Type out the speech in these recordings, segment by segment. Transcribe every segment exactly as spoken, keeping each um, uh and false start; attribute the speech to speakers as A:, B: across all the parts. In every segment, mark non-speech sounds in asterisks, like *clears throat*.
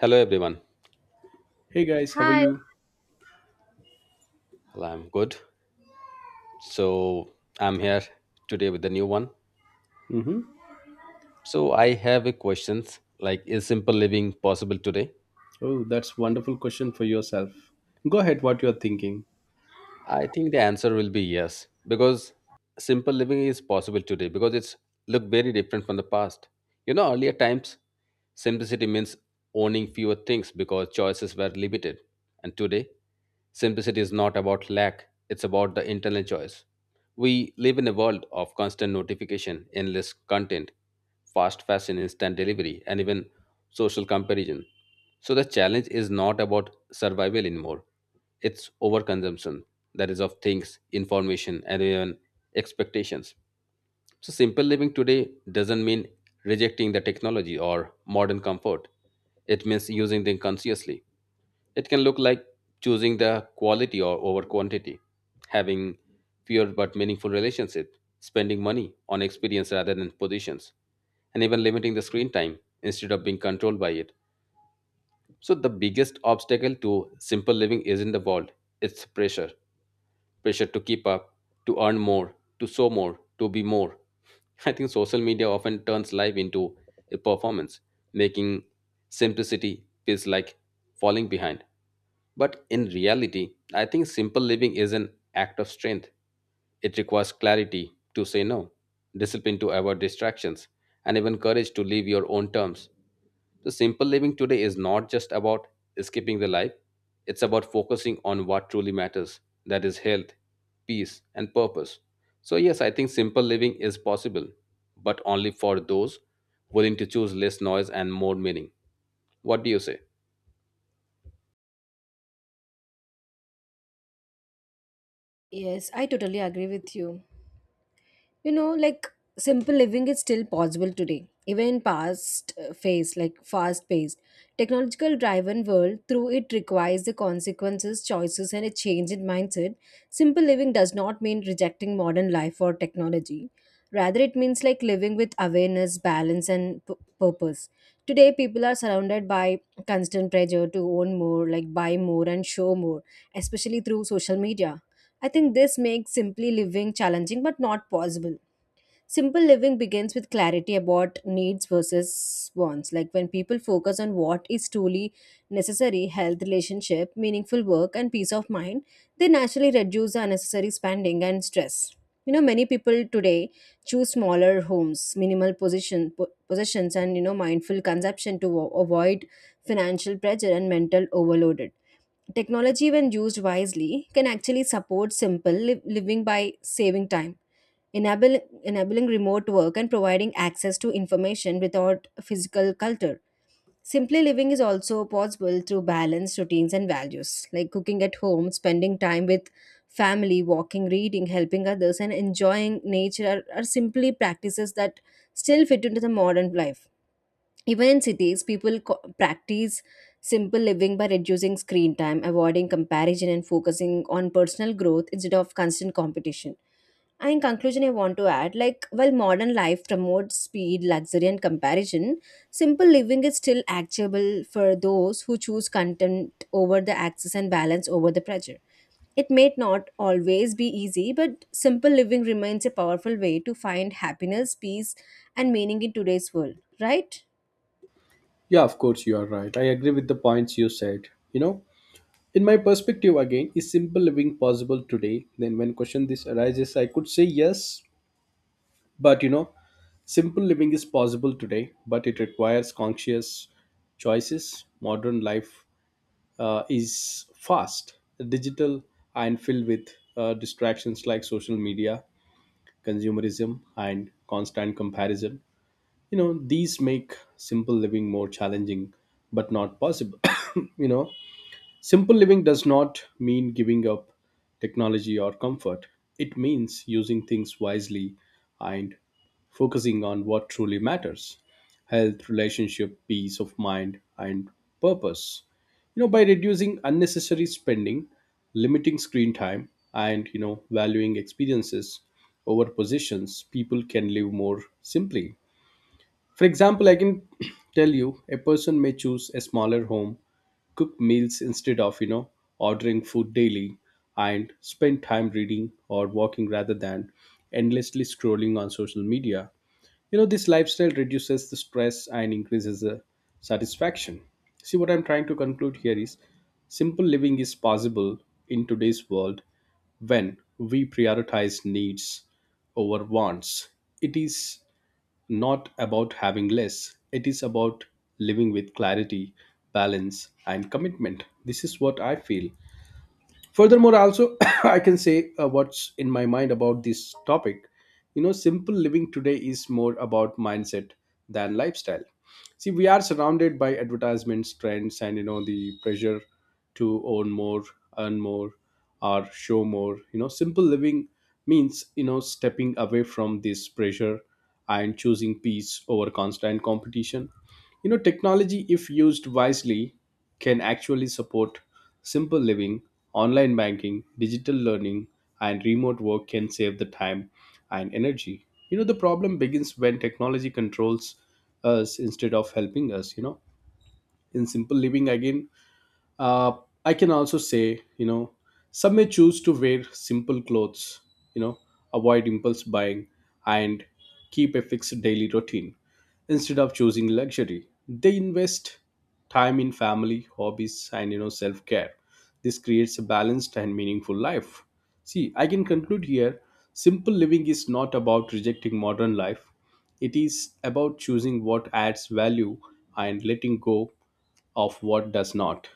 A: Hello, everyone.
B: Hey guys, how are
C: Hi.
B: you?
A: Well, I'm good. So I'm here today with a new one.
B: Mm-hmm.
A: So I have a questions like, is simple living possible today?
B: Oh, that's wonderful question for yourself. Go ahead, what you're thinking.
A: I think the answer will be yes, because simple living is possible today because it's look very different from the past. You know, earlier times, simplicity means owning fewer things because choices were limited, and today, simplicity is not about lack; it's about the internal choice. We live in a world of constant notification, endless content, fast fashion, instant delivery, and even social comparison. So the challenge is not about survival anymore; it's overconsumption that is of things information and even expectations. So simple living today doesn't mean rejecting the technology or modern comfort. It means using them consciously. It can look like choosing the quality or over quantity, having fewer but meaningful relationships, spending money on experience rather than positions, and even limiting the screen time instead of being controlled by it. So the biggest obstacle to simple living isn't the world, it's pressure. Pressure to keep up, to earn more, to show more, to be more. *laughs* I think social media often turns life into a performance, making simplicity feels like falling behind. But in reality, I think simple living is an act of strength. It requires clarity to say no, discipline to avoid distractions, and even courage to live your own terms. So, simple living today is not just about escaping the life, it's about focusing on what truly matters, that is, health, peace, and purpose. So, yes, I think simple living is possible, but only for those willing to choose less noise and more meaning. What do you say?
C: Yes, I totally agree with you. You know, like simple living is still possible today, even in past uh, phase, like fast paced. Technological driven world, through it requires the consequences, choices, and a change in mindset. Simple living does not mean rejecting modern life or technology. Rather, it means like living with awareness, balance, and p- purpose. Today, people are surrounded by constant pressure to own more, like buy more, and show more, especially through social media. I think this makes simply living challenging but not possible. Simple living begins with clarity about needs versus wants. Like when people focus on what is truly necessary health, relationship, meaningful work, and peace of mind, they naturally reduce the unnecessary spending and stress. You know, many people today choose smaller homes, minimal position, po- possessions, and you know, mindful consumption to avo- avoid financial pressure and mental overload. Technology, when used wisely, can actually support simple li- living by saving time, enable- enabling remote work, and providing access to information without physical culture. Simply living is also possible through balanced routines and values, like cooking at home, spending time with family, walking, reading, helping others, and enjoying nature are, are simply practices that still fit into the modern life. Even in cities, people co- practice simple living by reducing screen time, avoiding comparison, and focusing on personal growth instead of constant competition. And in conclusion, I want to add like, while modern life promotes speed, luxury, and comparison, simple living is still actionable for those who choose content over the access and balance over the pressure. It may not always be easy, but simple living remains a powerful way to find happiness, peace, and meaning in today's world, right?
B: Yeah, of course you are right. I agree with the points you said. You know, in my perspective again, is simple living possible today? Then when question this arises, I could say yes, but you know, simple living is possible today, but it requires conscious choices. Modern life uh, is fast, digital, and filled with uh, distractions like social media, consumerism, and constant comparison. You know, these make simple living more challenging but not possible. *coughs* You know, simple living does not mean giving up technology or comfort. It means using things wisely and focusing on what truly matters: health, relationship, peace of mind, and purpose. You know, by reducing unnecessary spending, limiting screen time, and you know, valuing experiences over positions, people can live more simply. For example, I can *clears throat* tell you a person may choose a smaller home, cook meals instead of, you know, ordering food daily, and spend time reading or walking rather than endlessly scrolling on social media. You know, this lifestyle reduces the stress and increases the satisfaction. See, what I'm trying to conclude here is simple living is possible in today's world when we prioritize needs over wants. It is not about having less. It is about living with clarity, balance, and commitment. This is what I feel. Furthermore, also, *coughs* i can say uh, what's in my mind about this topic. You know, simple living today is more about mindset than lifestyle. See, we are surrounded by advertisements, trends, and you know, the pressure to own more, earn more, or show more. You know, simple living means, you know, stepping away from this pressure and choosing peace over constant competition. You know, technology, if used wisely, can actually support simple living. Online banking, digital learning, and remote work can save the time and energy. You know, the problem begins when technology controls us instead of helping us. You know, in simple living, again, uh, i can also say, you know, some may choose to wear simple clothes, you know, avoid impulse buying, and keep a fixed daily routine. Instead of choosing luxury, they invest time in family, hobbies, and you know, self-care. This creates a balanced and meaningful life. See, I can conclude here, simple living is not about rejecting modern life. It is about choosing what adds value and letting go of what does not.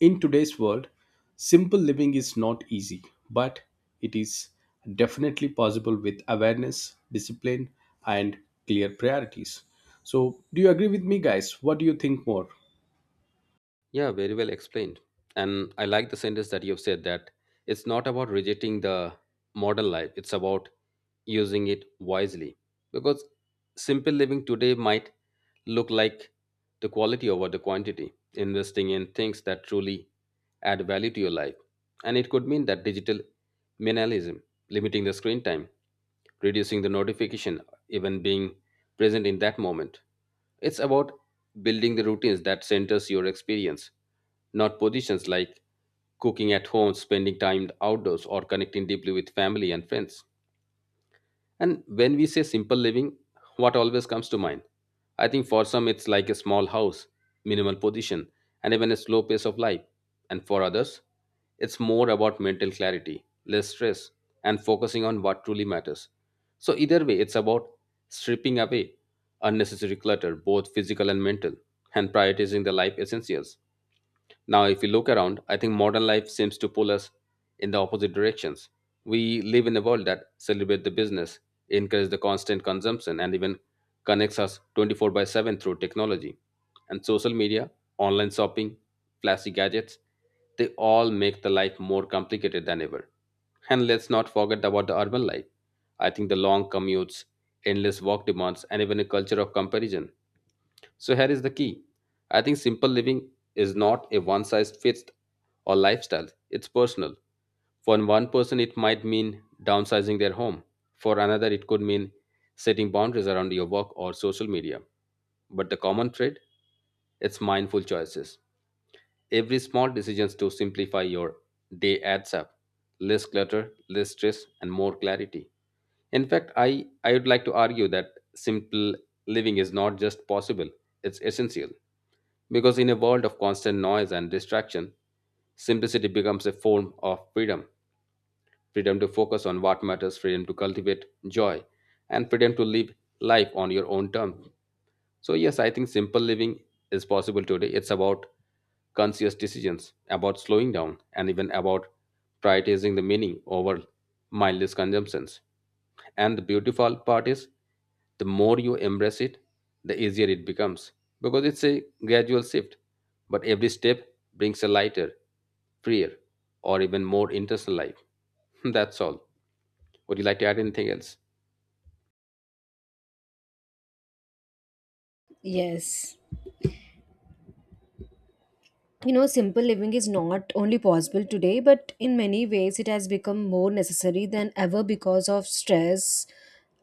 B: In today's world, simple living is not easy, but it is definitely possible with awareness, discipline, and clear priorities. So, do you agree with me, guys? What do you think more?
A: Yeah, very well explained. And I like the sentence that you've said that it's not about rejecting the modern life, it's about using it wisely. Because simple living today might look like the quality over the quantity, investing in things that truly add value to your life. And it could mean that digital minimalism, limiting the screen time, reducing the notification, even being present in that moment. It's about building the routines that centers your experience, not positions, like cooking at home, spending time outdoors, or connecting deeply with family and friends. And when we say simple living, what always comes to mind? I think for some it's like a small house, minimal position, and even a slow pace of life. And for others, it's more about mental clarity, less stress, and focusing on what truly matters. So, either way, it's about stripping away unnecessary clutter, both physical and mental, and prioritizing the life essentials. Now, if we look around, I think modern life seems to pull us in the opposite directions. We live in a world that celebrates the business, encourages the constant consumption, and even connects us twenty-four by seven through technology. And social media, online shopping, flashy gadgets, they all make the life more complicated than ever. And let's not forget about the urban life. I think the long commutes, endless work demands, and even a culture of comparison. So here is the key. I think simple living is not a one size fits or lifestyle. It's personal. For one person it might mean downsizing their home. For another it could mean setting boundaries around your work or social media. But the common thread, it's mindful choices. Every small decisions to simplify your day adds up. Less clutter, less stress, and more clarity. In fact, I, I would like to argue that simple living is not just possible, it's essential. Because in a world of constant noise and distraction, simplicity becomes a form of freedom, freedom to focus on what matters, freedom to cultivate joy, and freedom to live life on your own terms. So, yes, I think simple living is possible today. It's about conscious decisions, about slowing down, and even about prioritizing the meaning over mindless consumptions. And the beautiful part is, the more you embrace it, the easier it becomes because it's a gradual shift. But every step brings a lighter, freer, or even more interesting life. *laughs* That's all. Would you like to add anything else?
C: Yes. You know, simple living is not only possible today, but in many ways it has become more necessary than ever because of stress,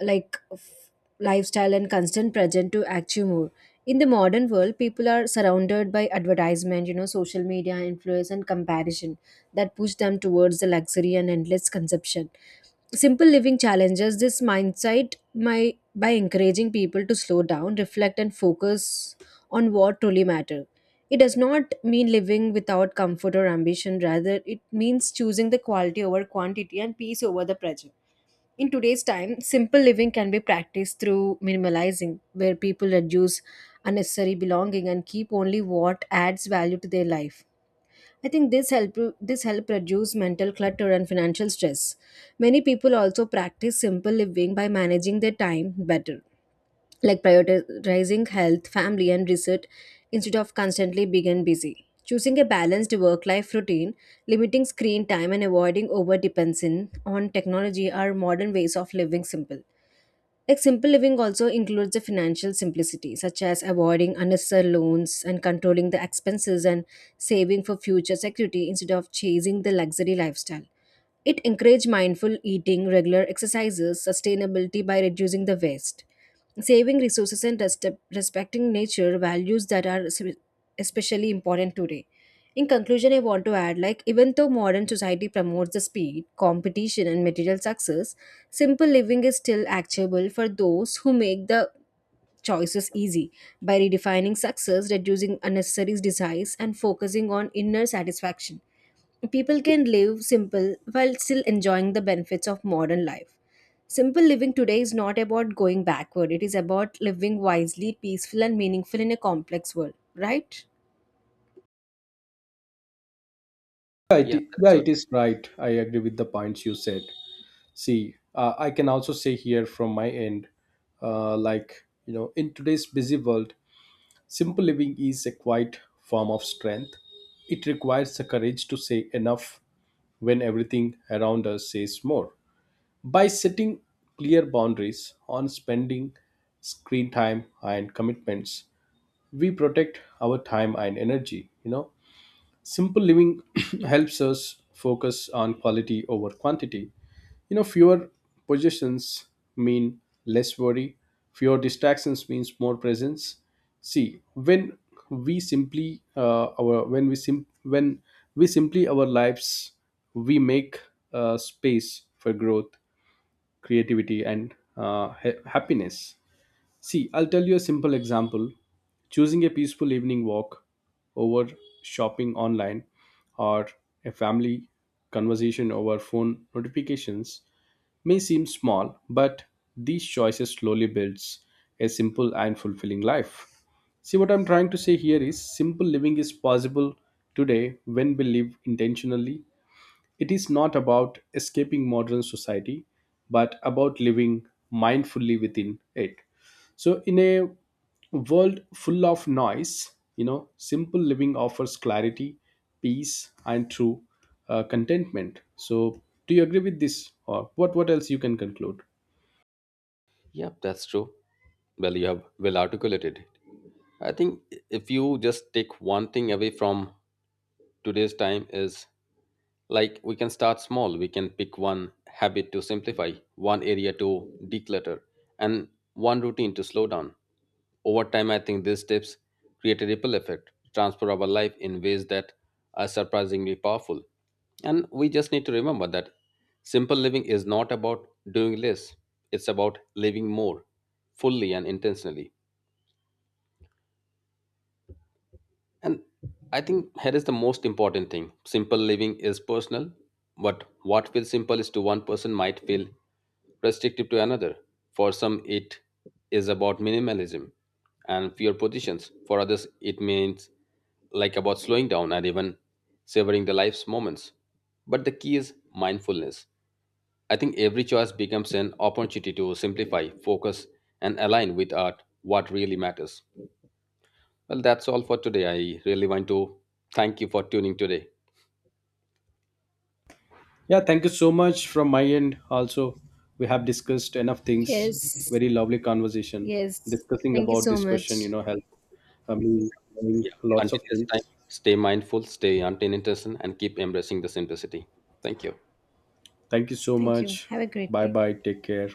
C: like f- lifestyle, and constant pressure to achieve more. In the modern world, people are surrounded by advertisement, you know, social media influence, and comparison that push them towards the luxury and endless consumption. Simple living challenges this mindset by, by encouraging people to slow down, reflect, and focus on what truly matters. It does not mean living without comfort or ambition, rather, it means choosing the quality over quantity and peace over the pressure. In today's time, simple living can be practiced through minimalizing, where people reduce unnecessary belonging and keep only what adds value to their life. I think this help this help reduce mental clutter and financial stress. Many people also practice simple living by managing their time better like prioritizing health, family, and research instead of constantly being and busy. Choosing a balanced work life routine, limiting screen time, and avoiding over dependence on technology are modern ways of living simple. Like simple living also includes the financial simplicity, such as avoiding unnecessary loans and controlling the expenses and saving for future security instead of chasing the luxury lifestyle. It encourages mindful eating, regular exercises, sustainability by reducing the waste. Saving resources and res- respecting nature values that are s- especially important today. In conclusion, I want to add like, even though modern society promotes the speed, competition, and material success, simple living is still actionable for those who make the choices easy by redefining success, reducing unnecessary desires, and focusing on inner satisfaction. People can live simple while still enjoying the benefits of modern life. Simple living today is not about going backward, it is about living wisely, peaceful, and meaningful in a complex world, right?
B: Yeah, it,
A: Yeah,
B: i-
A: that's
B: yeah,
A: so.
B: it is right. I agree with the points you said. See, uh, I can also say here from my end, uh, like, you know, in today's busy world, simple living is a quiet form of strength. It requires the courage to say enough when everything around us says more. By setting clear boundaries on spending, screen time, and commitments, we protect our time and energy, you know. Simple living *clears throat* helps us focus on quality over quantity. You know, fewer possessions mean less worry, fewer distractions means more presence. See, when we simply uh, our when we sim- when we simply our lives, we make uh, space for growth, creativity, and uh, ha- happiness. See, I'll tell you a simple example. Choosing a peaceful evening walk over shopping online, or a family conversation over phone notifications, may seem small, but these choices slowly builds a simple and fulfilling life. See, what I'm trying to say here is simple living is possible today when we live intentionally. It is not about escaping modern society, but about living mindfully within it. So, in a world full of noise, you know, simple living offers clarity, peace, and true uh, contentment. So, do you agree with this, or what? What else you can conclude?
A: Yeah, that's true. Well, you have well articulated. I think if you just take one thing away from today's time is, like, we can start small. We can pick one habit to simplify, one area to declutter, and one routine to slow down. Over time, I think these tips create a ripple effect, transfer our life in ways that are surprisingly powerful. And we just need to remember that simple living is not about doing less, it's about living more fully and intentionally. And I think here is the most important thing, simple living is personal, but what feels simple is to one person might feel restrictive to another. For some, it is about minimalism and fewer positions. For others, it means like about slowing down and even savoring the life's moments. But the key is mindfulness. I think every choice becomes an opportunity to simplify, focus, and align with art what really matters. Well, that's all for today. I really want to thank you for tuning today.
B: Yeah, thank you so much from my end. Also, we have discussed enough things.
C: Yes.
B: Very lovely conversation
C: Yes.
B: discussing
C: Thank you
B: about
C: so
B: this question.
C: much.
B: You know, health. I mean, doing
A: Yeah.
B: lots
A: Until
B: of
A: this time,
B: things.
A: stay mindful, stay attention, and keep embracing the simplicity. Thank you.
B: Thank you so
C: Thank you.
B: much.
C: Have a great
B: Bye
C: day.
B: bye. Take care.